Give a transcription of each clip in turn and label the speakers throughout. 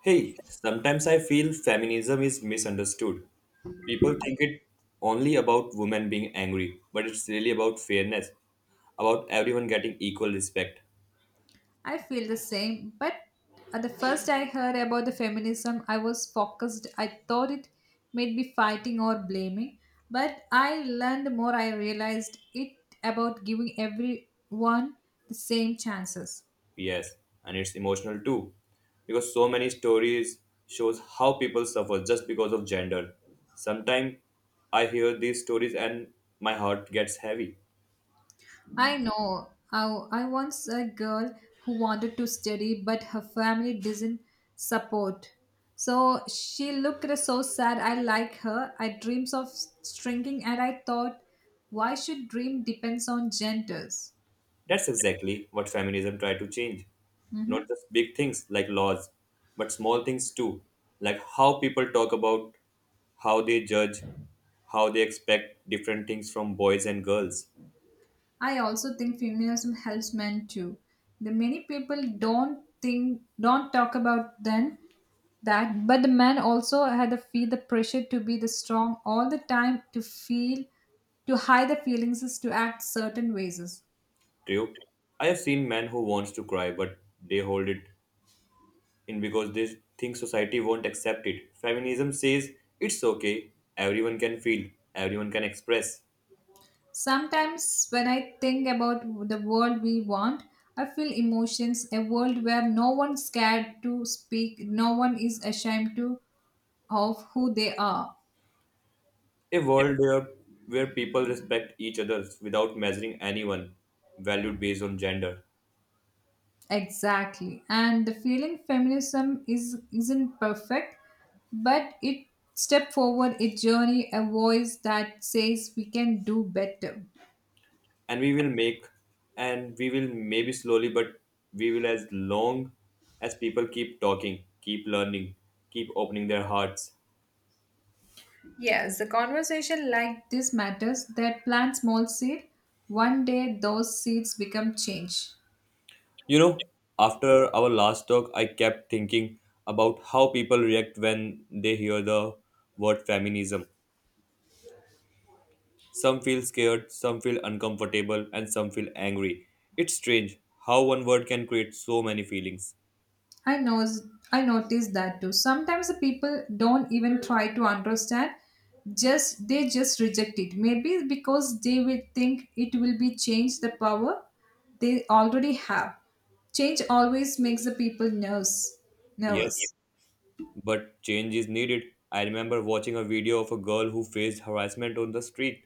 Speaker 1: Hey, sometimes I feel feminism is misunderstood. People think it only about women being angry, but it's really about fairness, about everyone getting equal respect.
Speaker 2: I feel the same, but at the first I heard about the feminism, I was focused. I thought it might be fighting or blaming, but I learned more. I realized it about giving everyone the same chances.
Speaker 1: Yes, and it's emotional too, because so many stories shows how people suffer just because of gender. Sometimes I hear these stories and my heart gets heavy.
Speaker 2: I know. I once a girl who wanted to study, but her family does not support. So she looked so sad. I like her. I dreams of shrinking, and I thought, why should dream depends on genders?
Speaker 1: That's exactly what feminism tried to change. Not just big things like laws, but small things too, like how people talk about, how they judge, how they expect different things from boys and girls.
Speaker 2: I also think feminism helps men too. The many people don't talk about then that but the men also had to feel the pressure to be the strong all the time to hide the feelings is to act certain ways.
Speaker 1: True. I have seen men who wants to cry but they hold it in because they think society won't accept it. Feminism says it's okay, everyone can feel, everyone can express.
Speaker 2: Sometimes when I think about the world we want, I feel emotions, a world where no one's scared to speak, no one is ashamed to of who they are.
Speaker 1: A world where people respect each other without measuring anyone valued based on gender.
Speaker 2: Exactly. And the feeling feminism is isn't perfect, but it step forward a journey, a voice that says we can do better.
Speaker 1: And we will make, and we will maybe slowly, but we will as long as people keep talking, keep learning, keep opening their hearts.
Speaker 2: Yes, a conversation like this matters that plant small seed. One day those seeds become change.
Speaker 1: You know, after our last talk, I kept thinking about how people react when they hear the word feminism. Some feel scared, some feel uncomfortable, and some feel angry. It's strange how one word can create so many feelings.
Speaker 2: I knows I noticed that too. Sometimes the people don't even try to understand. Just reject it. Maybe because they will think it will be change the power they already have. Change always makes the people nervous. Nervous.
Speaker 1: Yes, but change is needed. I remember watching a video of a girl who faced harassment on the street.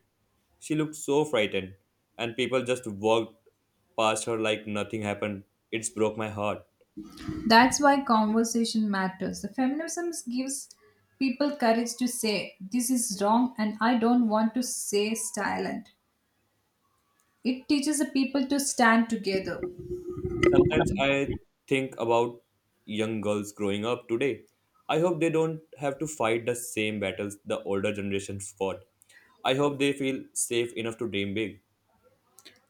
Speaker 1: She looked so frightened, and people just walked past her like nothing happened. It's broke my heart.
Speaker 2: That's why conversation matters. The feminism gives people courage to say this is wrong and I don't want to say silent. It teaches the people to stand together.
Speaker 1: Sometimes I think about young girls growing up today. I hope they don't have to fight the same battles the older generations fought. I hope they feel safe enough to dream big.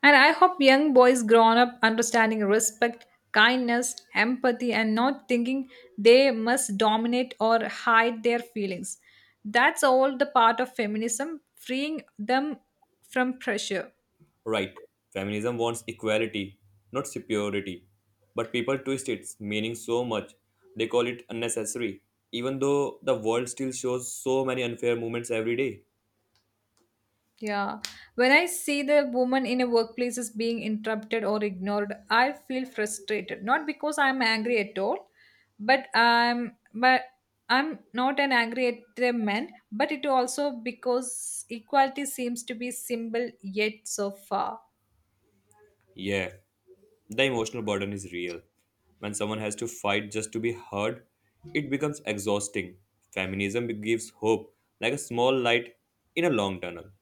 Speaker 2: And I hope young boys grow up understanding respect, kindness, empathy, and not thinking they must dominate or hide their feelings. That's all the part of feminism, freeing them from pressure.
Speaker 1: Right, feminism wants equality, not superiority. But people twist its meaning so much, they call it unnecessary, even though the world still shows so many unfair movements every day.
Speaker 2: Yeah. When I see the woman in a workplace is being interrupted or ignored, I feel frustrated. Not because I'm angry at all, but I'm not an angry at the men, but it also because equality seems to be simple yet so far.
Speaker 1: Yeah. The emotional burden is real. When someone has to fight just to be heard, it becomes exhausting. Feminism gives hope, like a small light in a long tunnel.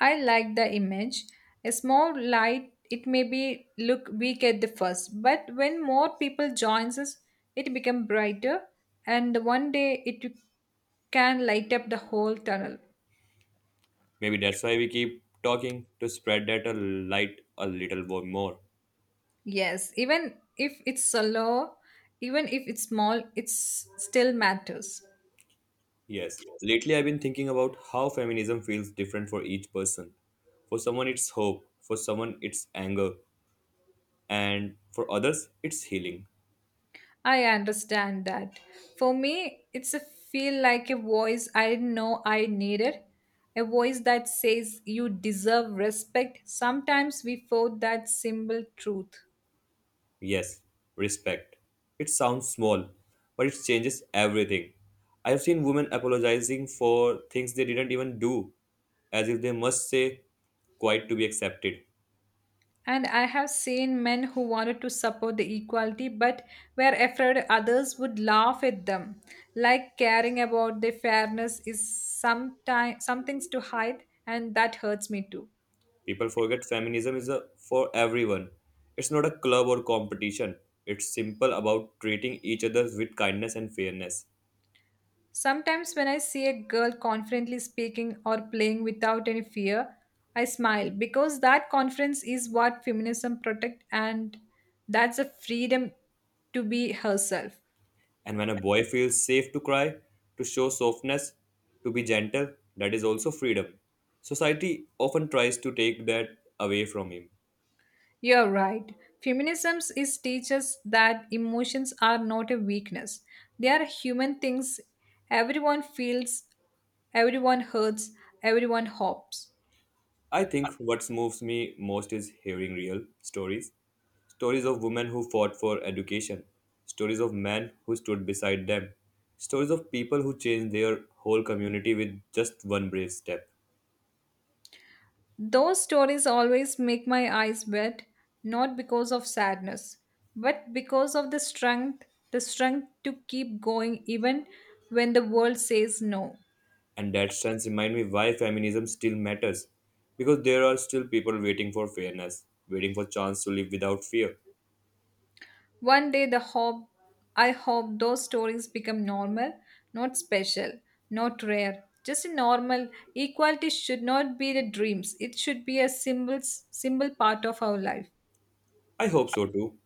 Speaker 2: I like the image. A small light, it may be look weak at the first, but when more people joins us, it become brighter, and one day it can light up the whole tunnel.
Speaker 1: Maybe that's why we keep talking to spread that a light a little more.
Speaker 2: Yes, even if it's slow, even if it's small, it's still matters.
Speaker 1: Yes. Lately, I've been thinking about how feminism feels different for each person. For someone, it's hope. For someone, it's anger. And for others, it's healing.
Speaker 2: I understand that. For me, it's a feel like a voice I didn't know I needed. A voice that says you deserve respect. Sometimes we fought that simple truth.
Speaker 1: Yes, respect. It sounds small, but it changes everything. I've seen women apologizing for things they didn't even do, as if they must say quite to be accepted.
Speaker 2: And I have seen men who wanted to support the equality but were afraid others would laugh at them. Like caring about the fairness is sometime, some things to hide, and that hurts me too.
Speaker 1: People forget feminism is a, for everyone. It's not a club or competition. It's simple about treating each other with kindness and fairness.
Speaker 2: Sometimes, when I see a girl confidently speaking or playing without any fear, I smile because that confidence is what feminism protects and that's a freedom to be herself.
Speaker 1: And when a boy feels safe to cry, to show softness, to be gentle, that is also freedom. Society often tries to take that away from him.
Speaker 2: You're right. Feminism is teaches that emotions are not a weakness. They are human things. Everyone feels, everyone hurts, everyone hopes.
Speaker 1: I think what moves me most is hearing real stories. Stories of women who fought for education, stories of men who stood beside them, stories of people who changed their whole community with just one brave step.
Speaker 2: Those stories always make my eyes wet, not because of sadness, but because of the strength to keep going even when the world says no.
Speaker 1: And that stance remind me why feminism still matters. Because there are still people waiting for fairness, waiting for chance to live without fear.
Speaker 2: One day the hope I hope those stories become normal, not special, not rare. Just normal. Equality should not be the dreams. It should be a symbol—symbol part of our life.
Speaker 1: I hope so too.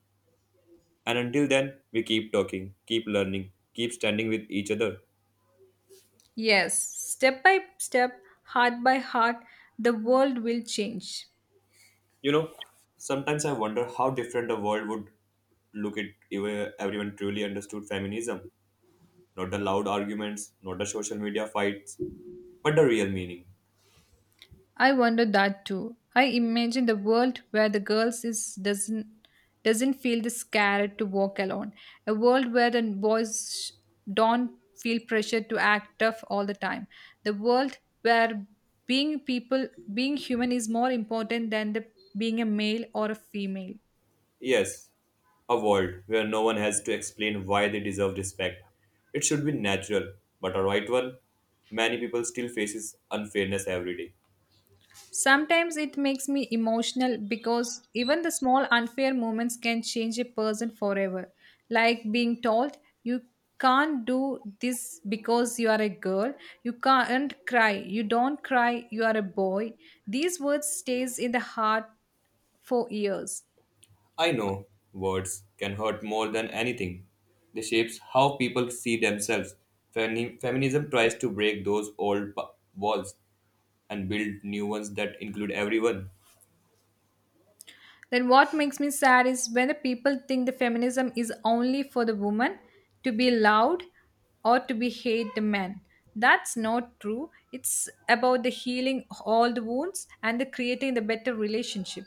Speaker 1: And until then, we keep talking, keep learning, keep standing with each other.
Speaker 2: Yes, step by step, heart by heart, the world will change.
Speaker 1: You know, sometimes I wonder how different the world would look at if everyone truly understood feminism. Not the loud arguments, not the social media fights, but the real meaning.
Speaker 2: I wonder that too. I imagine the world where the girls is doesn't feel the scared to walk alone. A world where the boys don't feel pressure to act tough all the time. The world where being people being human is more important than the being a male or a female.
Speaker 1: Yes, a world where no one has to explain why they deserve respect. It should be natural, but a right one, many people still faces unfairness every day.
Speaker 2: Sometimes it makes me emotional because even the small unfair moments can change a person forever. Like being told you can't do this because you are a girl, you don't cry, you are a boy. These words stays in the heart for years.
Speaker 1: I know words can hurt more than anything. They shapes how people see themselves. Feminism tries to break those old walls and build new ones that include everyone.
Speaker 2: Then what makes me sad is when the people think the feminism is only for the woman to be loud or to be hate the men. That's not true. It's about the healing all the wounds and the creating the better relationship.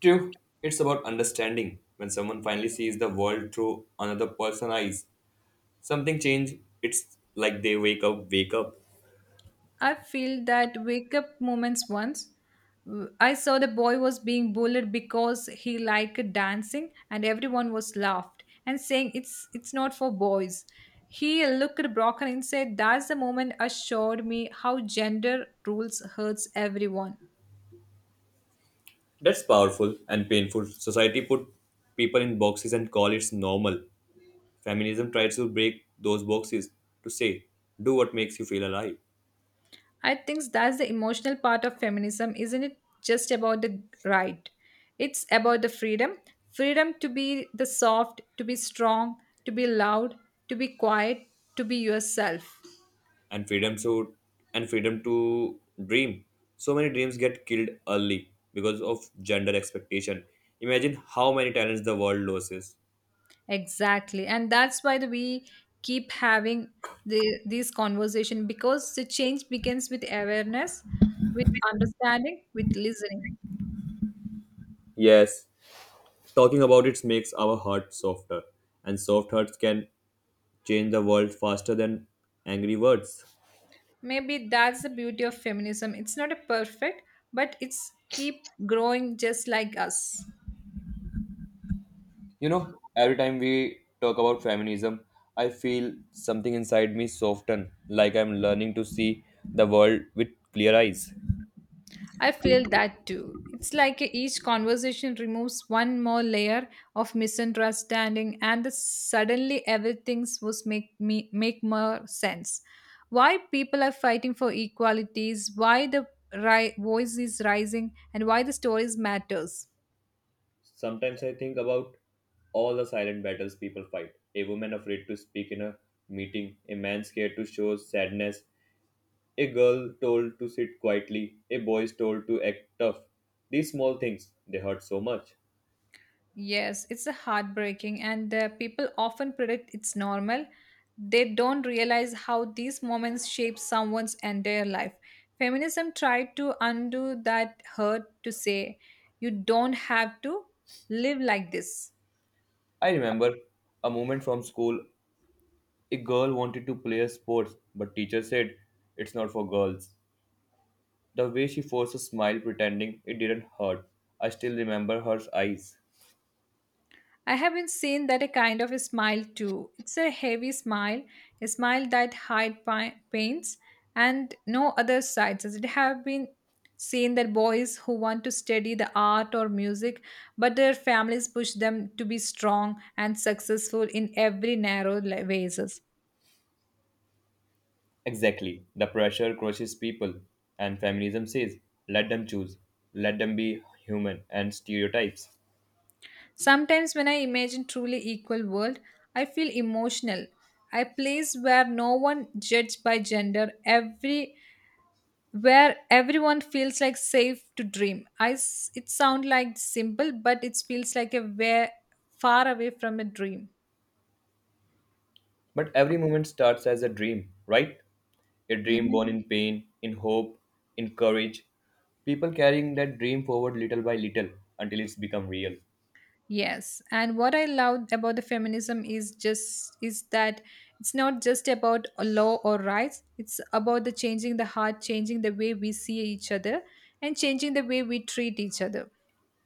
Speaker 1: True, it's about understanding. When someone finally sees the world through another person's eyes, something change. It's like they wake up, wake up.
Speaker 2: I feel that wake up moments once. I saw the boy was being bullied because he liked dancing and everyone was laughed and saying it's not for boys. He looked broken and said that's the moment assured me how gender rules hurts everyone.
Speaker 1: That's powerful and painful. Society put people in boxes and call it normal. Feminism tries to break those boxes to say, do what makes you feel alive.
Speaker 2: I think that's the emotional part of feminism, isn't it? Just about the right. It's about the freedom to be the soft, to be strong, to be loud, to be quiet, to be yourself.
Speaker 1: and freedom so and freedom to dream, so many dreams get killed early because of gender expectation. Imagine how many talents the world loses.
Speaker 2: Exactly. And that's why we keep having these conversation because the change begins with awareness, with understanding, with listening.
Speaker 1: Yes, talking about it makes our heart softer, and soft hearts can change the world faster than angry words.
Speaker 2: Maybe that's the beauty of feminism. It's not a perfect, but it's keep growing just like us.
Speaker 1: You know, every time we talk about feminism, I feel something inside me soften, like I'm learning to see the world with clear eyes.
Speaker 2: I feel that too. It's like each conversation removes one more layer of misunderstanding, and the suddenly everything was make me make more sense. Why people are fighting for equalities? Why the voice is rising? And why the stories matters?
Speaker 1: Sometimes I think about all the silent battles people fight. A woman afraid to speak in a meeting, a man scared to show sadness, a girl told to sit quietly, a boy is told to act tough. These small things, they hurt so much.
Speaker 2: Yes, it's a heartbreaking, and people often predict it's normal. They don't realize how these moments shape someone's entire life. Feminism tried to undo that hurt to say, you don't have to live like this.
Speaker 1: I remember a moment from school. A girl wanted to play a sports, but teacher said it's not for girls. The way she forced a smile pretending it didn't hurt. I still remember her eyes.
Speaker 2: I have been seen that a kind of a smile too. It's a heavy smile, a smile that hide pains and no other sides. As it have been seen that boys who want to study the art or music, but their families push them to be strong and successful in every narrow ways.
Speaker 1: Exactly. The pressure crushes people, and feminism says, let them choose, let them be human and stereotypes.
Speaker 2: Sometimes when I imagine truly equal world, I feel emotional. A place where no one judged by gender, every where everyone feels like safe to dream. It sounds like simple, but it feels like a way far away from a dream.
Speaker 1: But every moment starts as a dream, right? A dream
Speaker 2: Mhm.
Speaker 1: born in pain, in hope, in courage. People carrying that dream forward little by little until it's become real.
Speaker 2: Yes, and what I love about the feminism is that it's not just about a law or rights. It's about the changing the heart, changing the way we see each other, and changing the way we treat each other.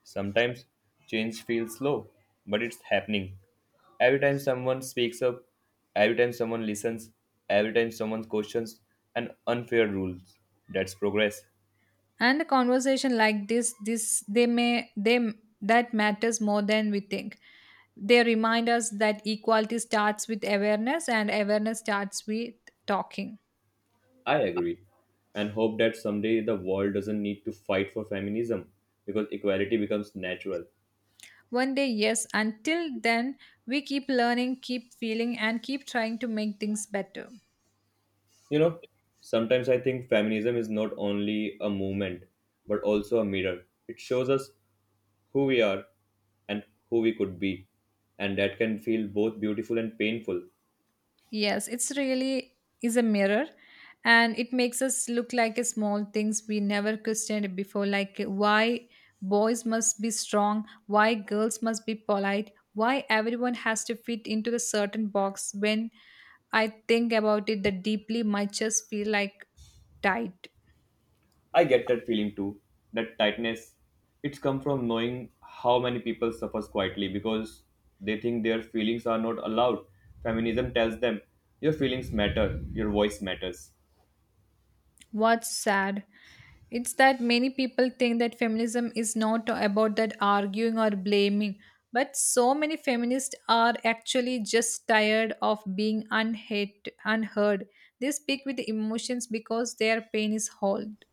Speaker 1: Sometimes change feels slow, but it's happening. Every time someone speaks up, every time someone listens, every time someone questions an unfair rules, that's progress.
Speaker 2: And a conversation like this, they may they that matters more than we think. They remind us that equality starts with awareness and awareness starts with talking.
Speaker 1: I agree and hope that someday the world doesn't need to fight for feminism because equality becomes natural.
Speaker 2: One day, yes, until then we keep learning, keep feeling, and keep trying to make things better.
Speaker 1: You know, sometimes I think feminism is not only a movement but also a mirror. It shows us who we are and who we could be, and that can feel both beautiful and painful.
Speaker 2: Yes, it's really is a mirror and it makes us look like a small things we never questioned before, like why boys must be strong, why girls must be polite, why everyone has to fit into the certain box. When I think about it that deeply my chest feel like tight.
Speaker 1: I get that feeling too. That tightness, it's come from knowing how many people suffer quietly because they think their feelings are not allowed. Feminism tells them your feelings matter, your voice matters.
Speaker 2: What's sad it's that many people think that feminism is not about that arguing or blaming, but so many feminists are actually just tired of being unhate, unheard. They speak with emotions because their pain is held.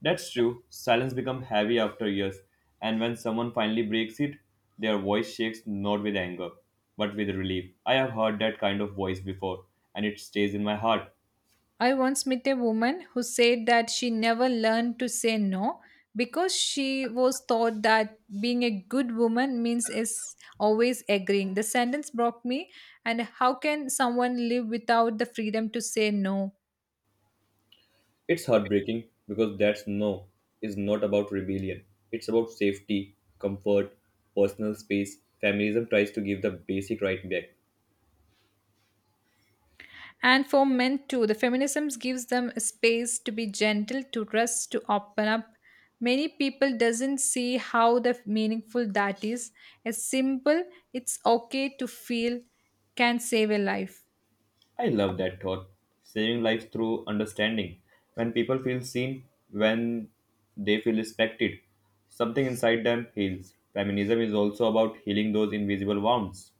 Speaker 1: That's true. Silence becomes heavy after years, and when someone finally breaks it, their voice shakes not with anger, but with relief. I have heard that kind of voice before, and it stays in my heart.
Speaker 2: I once met a woman who said that she never learned to say no because she was taught that being a good woman means is always agreeing. The sentence broke me and how can someone live without the freedom to say no?
Speaker 1: It's heartbreaking because that's no is not about rebellion. It's about safety, comfort, personal space. Feminism tries to give the basic right back.
Speaker 2: And for men too, the feminism gives them a space to be gentle, to rest, to open up. Many people doesn't see how the meaningful that is. A simple, it's okay to feel, can save a life.
Speaker 1: I love that thought. Saving lives through understanding. When people feel seen, when they feel respected, something inside them heals. Feminism is also about healing those invisible wounds.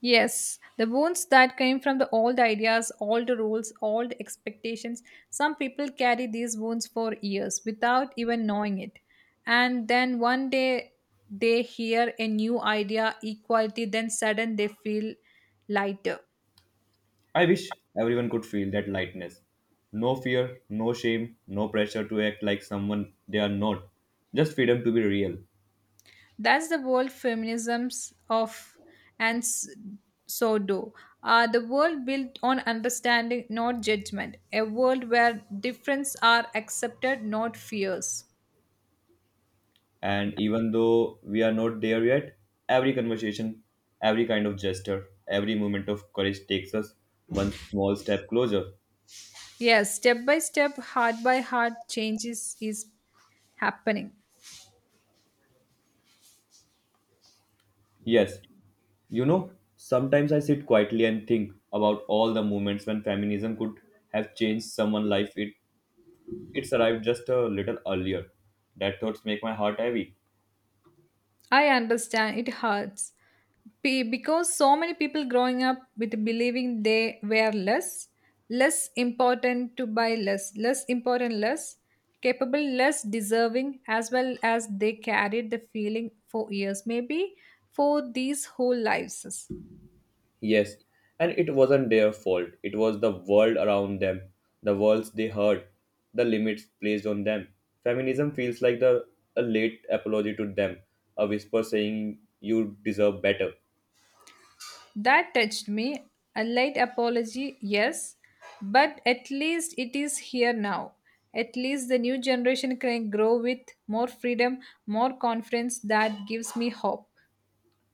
Speaker 2: Yes, the wounds that came from the old ideas, old rules, old expectations. Some people carry these wounds for years without even knowing it. And then one day they hear a new idea, equality, then sudden they feel lighter.
Speaker 1: I wish everyone could feel that lightness. No fear, no shame, no pressure to act like someone they are not. Just freedom to be real.
Speaker 2: That's the world feminisms of and s- so do. The world built on understanding, not judgment. A world where differences are accepted, not fears.
Speaker 1: And even though we are not there yet, every conversation, every kind of gesture, every moment of courage takes us one small step closer.
Speaker 2: Yes, step by step, heart by heart, changes is happening.
Speaker 1: Yes. You know, sometimes I sit quietly and think about all the moments when feminism could have changed someone's life, it's arrived just a little earlier. That thoughts make my heart heavy.
Speaker 2: I understand it hurts. Because so many people growing up with believing they were less, less important to buy less, less important, less capable, less deserving, as well as they carried the feeling for years, maybe for these whole lives.
Speaker 1: Yes, and it wasn't their fault. It was the world around them, the worlds they heard, the limits placed on them. Feminism feels like the a late apology to them, a whisper saying you deserve better.
Speaker 2: That touched me. A late apology, yes, but at least it is here now. At least the new generation can grow with more freedom, more confidence. That gives me hope.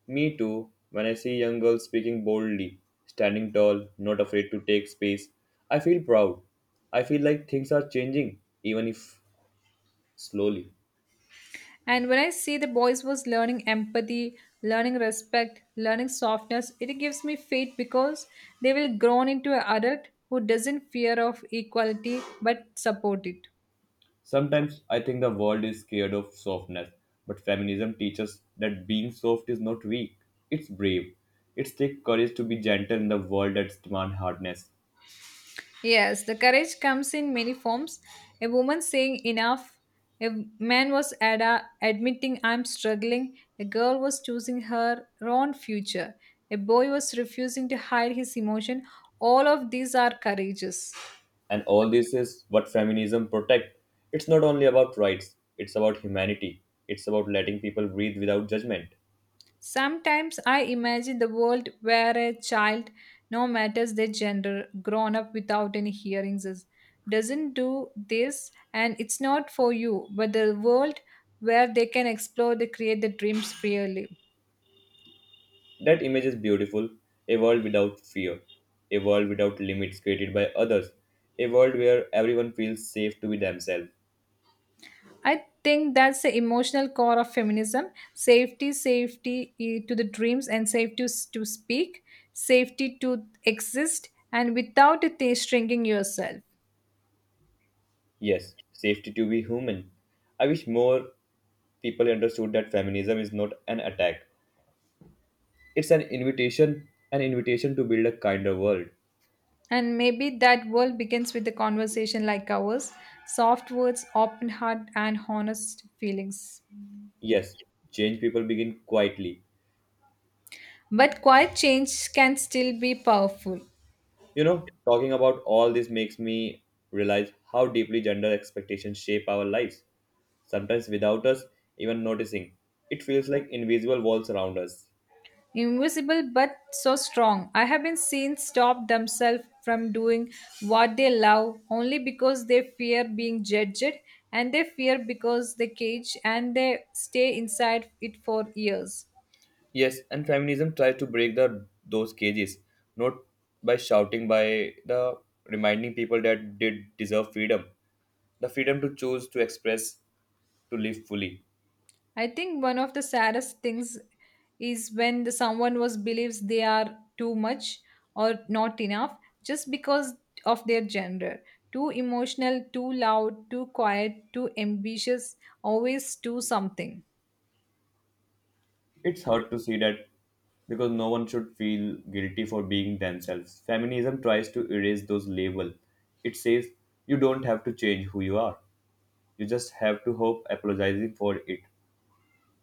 Speaker 1: Me too, when I see young girls speaking boldly, standing tall, not afraid to take space, I feel proud. I feel like things are changing, even if slowly.
Speaker 2: And when I see the boys was learning empathy, learning respect, learning softness, it gives me faith because they will grown into an adult who doesn't fear of equality but support it.
Speaker 1: Sometimes I think the world is scared of softness, but feminism teaches that being soft is not weak, it's brave. It takes courage to be gentle in the world that demands hardness.
Speaker 2: Yes, the courage comes in many forms. A woman saying enough, a admitting I'm struggling, a girl was choosing her own future, a boy was refusing to hide his emotion. All of these are courageous.
Speaker 1: And all this is what feminism protects. It's not only about rights, it's about humanity. It's about letting people breathe without judgment.
Speaker 2: Sometimes I imagine the world where a child, no matter their gender, grown up without any hearings, is, doesn't do this and it's not for you, but the world where they can explore, they create the dreams freely.
Speaker 1: That image is beautiful, a world without fear, a world without limits created by others, a world where everyone feels safe to be themselves.
Speaker 2: I think that's the emotional core of feminism safety, safety to the dreams, and safety to to speak, safety to exist, and without it shrinking yourself.
Speaker 1: Yes, safety to be human. I wish more people understood that feminism is not an attack. It's an invitation to build a kinder world.
Speaker 2: And maybe that world begins with a conversation like ours soft words, open heart, and honest feelings.
Speaker 1: Yes, change people begin quietly.
Speaker 2: But quiet change can still be powerful.
Speaker 1: You know, talking about all this makes me realize how deeply gender expectations shape our lives, sometimes without us even noticing. It feels like invisible walls around us.
Speaker 2: Invisible but so strong. I have been seen stop themselves from doing what they love only because they fear being judged, and they fear because they cage and they stay inside it for years.
Speaker 1: Yes, and feminism tries to break the those cages, not by shouting, by the reminding people that they deserve freedom, the freedom to choose, to express, to live fully.
Speaker 2: I think one of the saddest things is when the someone was believes they are too much or not enough just because of their gender. Too emotional, too loud, too quiet, too ambitious, always do something.
Speaker 1: It's hard to see that because no one should feel guilty for being themselves. Feminism tries to erase those labels. It says you don't have to change who you are. You just have to hope apologizing for it.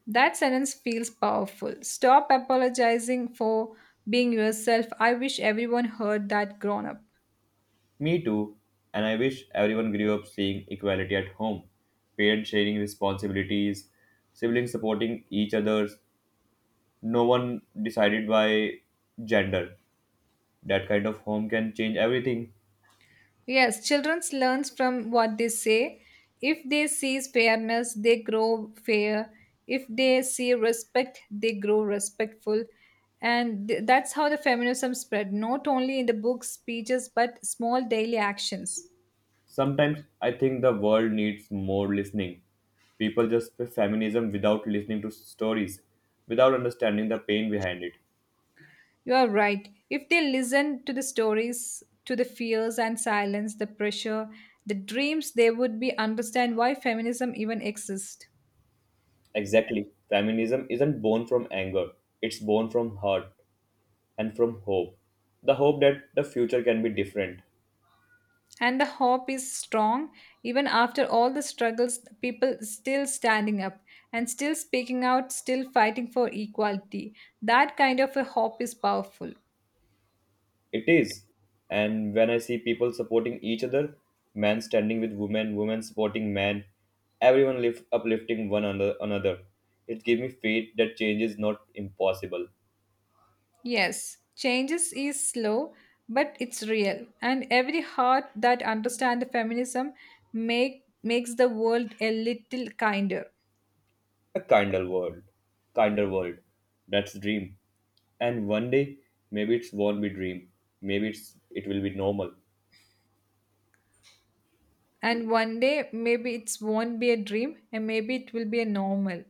Speaker 2: That sentence feels powerful. Stop apologizing for being yourself. I wish everyone heard that grown up.
Speaker 1: Me too, and I wish everyone grew up seeing equality at home. Parents sharing responsibilities, siblings supporting each other, no one decided by gender. That kind of home can change everything.
Speaker 2: Yes, children learns from what they say. If they see fairness, they grow fair. If they see respect, they grow respectful. And that's how the feminism spread, not only in the books, speeches, but small daily actions.
Speaker 1: Sometimes I think the world needs more listening. People just prefer feminism without listening to stories, without understanding the pain behind it.
Speaker 2: You are right. If they listen to the stories, to the fears and silence, the pressure, the dreams, they would be understand why feminism even exists.
Speaker 1: Exactly. Feminism isn't born from anger, it's born from hurt and from hope. The hope that the future can be different.
Speaker 2: And the hope is strong, even after all the struggles people still standing up and still speaking out, still fighting for equality. That kind of a hope is powerful.
Speaker 1: It is. And when I see people supporting each other, men standing with women, women supporting men, everyone uplifting one another, it gives me faith that change is not impossible.
Speaker 2: Yes, changes is slow, but it's real, and every heart that understands feminism makes the world a little kinder.
Speaker 1: A kinder world. Kinder world. That's dream. And one day, maybe it won't be dream. It will be normal.
Speaker 2: And one day maybe it won't be a dream, and maybe it will be a normal.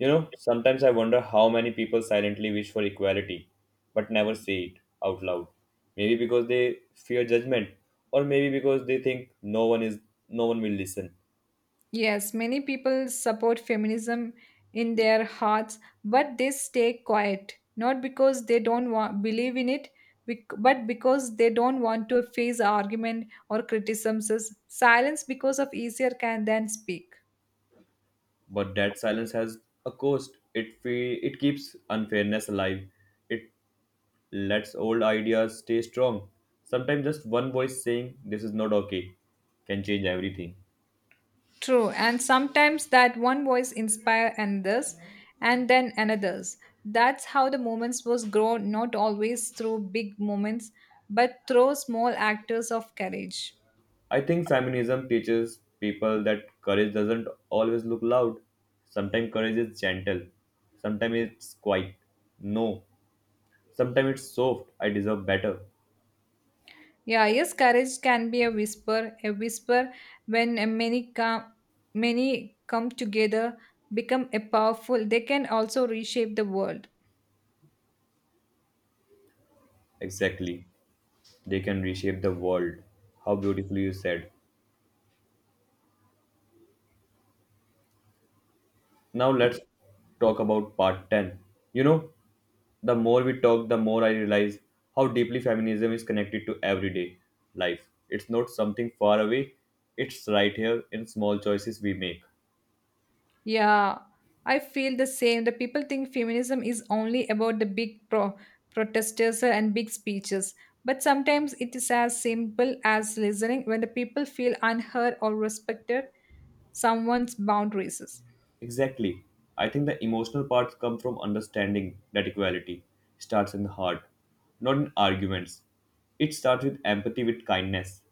Speaker 1: You know, sometimes I wonder how many people silently wish for equality but never say it out loud. Maybe because they fear judgment or maybe because they think no one will listen.
Speaker 2: Yes, many people support feminism in their hearts, but they stay quiet, not because they don't want, believe in it, but because they don't want to face argument or criticisms. Silence because of easier can than speak.
Speaker 1: But that silence has a cost. It keeps unfairness alive. It lets old ideas stay strong. Sometimes just one voice saying this is not okay can change everything.
Speaker 2: True, and sometimes that one voice inspire another's, and then another's. That's how the movements was grown, not always through big moments, but through small actors of courage.
Speaker 1: I think shamanism teaches people that courage doesn't always look loud. Sometimes courage is gentle, sometimes it's quiet. No, sometimes it's soft. I deserve better.
Speaker 2: Yeah, yes, courage can be a whisper when many come, many come together, become a powerful. They can also reshape the world.
Speaker 1: Exactly. They can reshape the world. How beautifully you said. Now let's talk about part 10. You know, the more we talk, the more I realize how deeply feminism is connected to everyday life. It's not something far away, it's right here in small choices we make.
Speaker 2: Yeah, I feel the same. The people think feminism is only about the big protesters and big speeches, but sometimes it is as simple as listening when the people feel unheard or respected someone's boundaries.
Speaker 1: Exactly. I think the emotional part comes from understanding that equality starts in the heart, not in arguments. It starts with empathy, with kindness.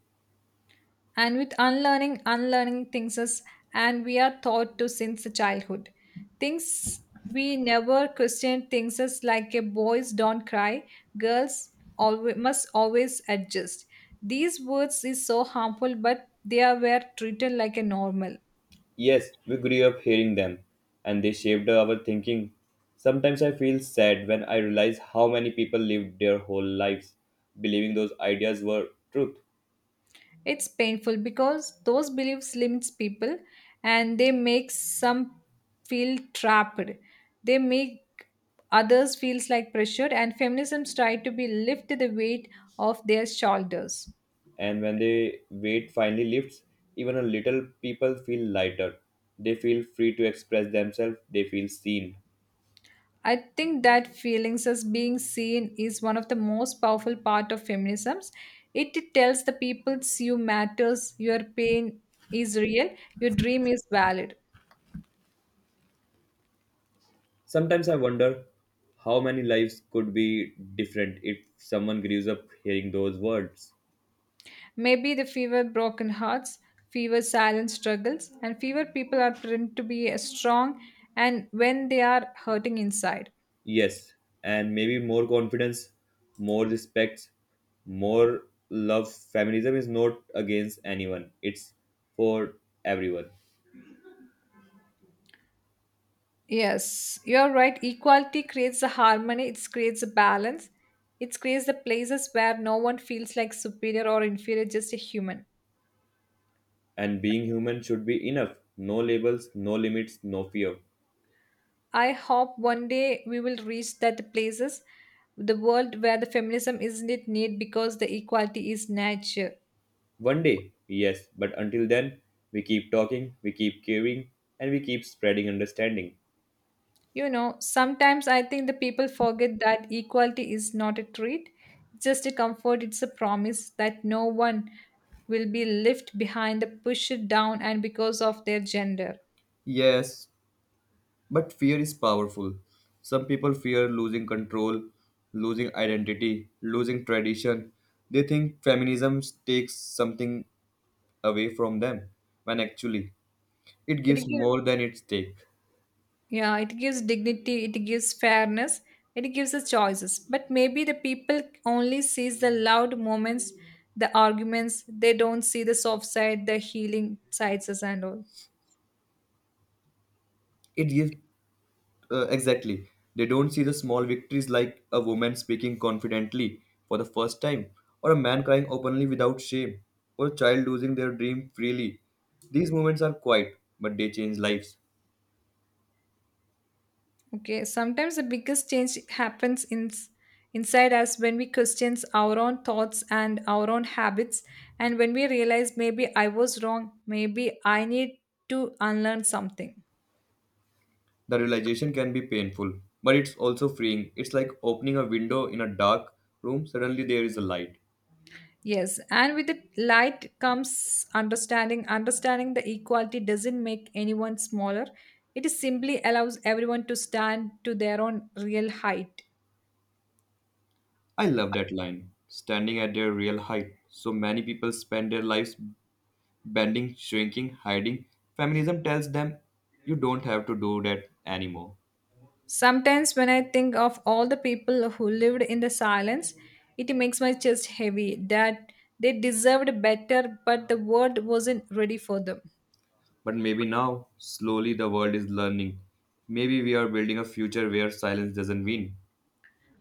Speaker 2: And with unlearning, unlearning things us, and we are taught to since the childhood. Things we never question things us like a boys don't cry, girls always, must always adjust. These words is so harmful, but they are were treated like a normal.
Speaker 1: Yes, we grew up hearing them, and they shaped our thinking. Sometimes I feel sad when I realize how many people lived their whole lives believing those ideas were truth.
Speaker 2: It's painful because those beliefs limits people and they make some feel trapped. They make others feels like pressured, and feminisms try to be lift the weight off their shoulders.
Speaker 1: And when the weight finally lifts, even a little, people feel lighter. They feel free to express themselves, they feel seen.
Speaker 2: I think that feelings as being seen is one of the most powerful part of feminisms. It tells the people you matters, your pain is real, your dream is valid.
Speaker 1: Sometimes I wonder how many lives could be different if someone grows up hearing those words.
Speaker 2: Maybe the fewer broken hearts, fewer silent struggles, and fewer people are prone to be as strong and when they are hurting inside.
Speaker 1: Yes, and maybe more confidence, more respect, more love. Feminism is not against anyone, it's for everyone.
Speaker 2: Yes, you're right. Equality creates a harmony, it creates a balance, it creates the places where no one feels like superior or inferior, just a human.
Speaker 1: And being human should be enough. No labels, no limits, no fear.
Speaker 2: I hope one day we will reach that places, the world where the feminism isn't it need because the equality is nature.
Speaker 1: One day, yes, but until then, we keep talking, we keep caring, and we keep spreading understanding.
Speaker 2: You know, sometimes I think the people forget that equality is not a treat, it's just a comfort, it's a promise that no one will be left behind, the pushed down, and because of their gender.
Speaker 1: Yes, but fear is powerful. Some people fear losing control, losing identity, losing tradition. They think feminism takes something away from them, when actually, it
Speaker 2: It
Speaker 1: gives
Speaker 2: gives,
Speaker 1: more than it takes.
Speaker 2: yeah, it gives dignity, it gives fairness, it gives us choices. But maybe the people only sees the loud moments, the arguments. They don't see the soft side, the healing sides, and all.
Speaker 1: It gives Exactly. They don't see the small victories like a woman speaking confidently for the first time, or a man crying openly without shame, or a child losing their dream freely. These moments are quiet, but they change lives.
Speaker 2: Okay, sometimes the biggest change happens in, inside us when we question our own thoughts and our own habits, and when we realize maybe I was wrong, maybe I need to unlearn something.
Speaker 1: The realization can be painful, but it's also freeing. It's like opening a window in a dark room, suddenly there is a light.
Speaker 2: Yes, and with the light comes understanding. Understanding the equality doesn't make anyone smaller, it is simply allows everyone to stand to their own real height.
Speaker 1: I love that line. Standing at their real height. So many people spend their lives bending, shrinking, hiding. Feminism tells them you don't have to do that anymore.
Speaker 2: Sometimes, when I think of all the people who lived in the silence, it makes my chest heavy that they deserved better, but the world wasn't ready for them.
Speaker 1: But maybe now, slowly, the world is learning. Maybe we are building a future where silence doesn't win.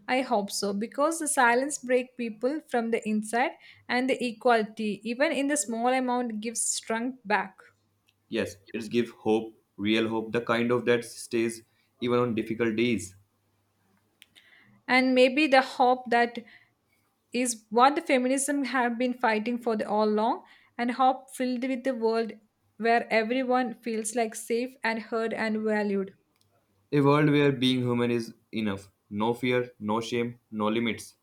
Speaker 2: I hope so, because the silence breaks people from the inside, and the equality, even in the small amount, gives strength back.
Speaker 1: Yes, it gives hope, real hope, the kind of that stays even on difficult days.
Speaker 2: And maybe the hope that is what the feminism have been fighting for the all long, and hope filled with the world where everyone feels like safe and heard and valued.
Speaker 1: A world where being human is enough. No fear, no shame, no limits.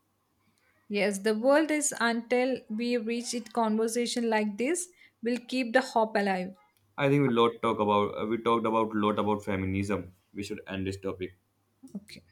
Speaker 2: Yes, the world is until we reach it conversation like this, will keep the hope alive.
Speaker 1: I think we talked about lot about feminism. We should end this topic.
Speaker 2: Okay.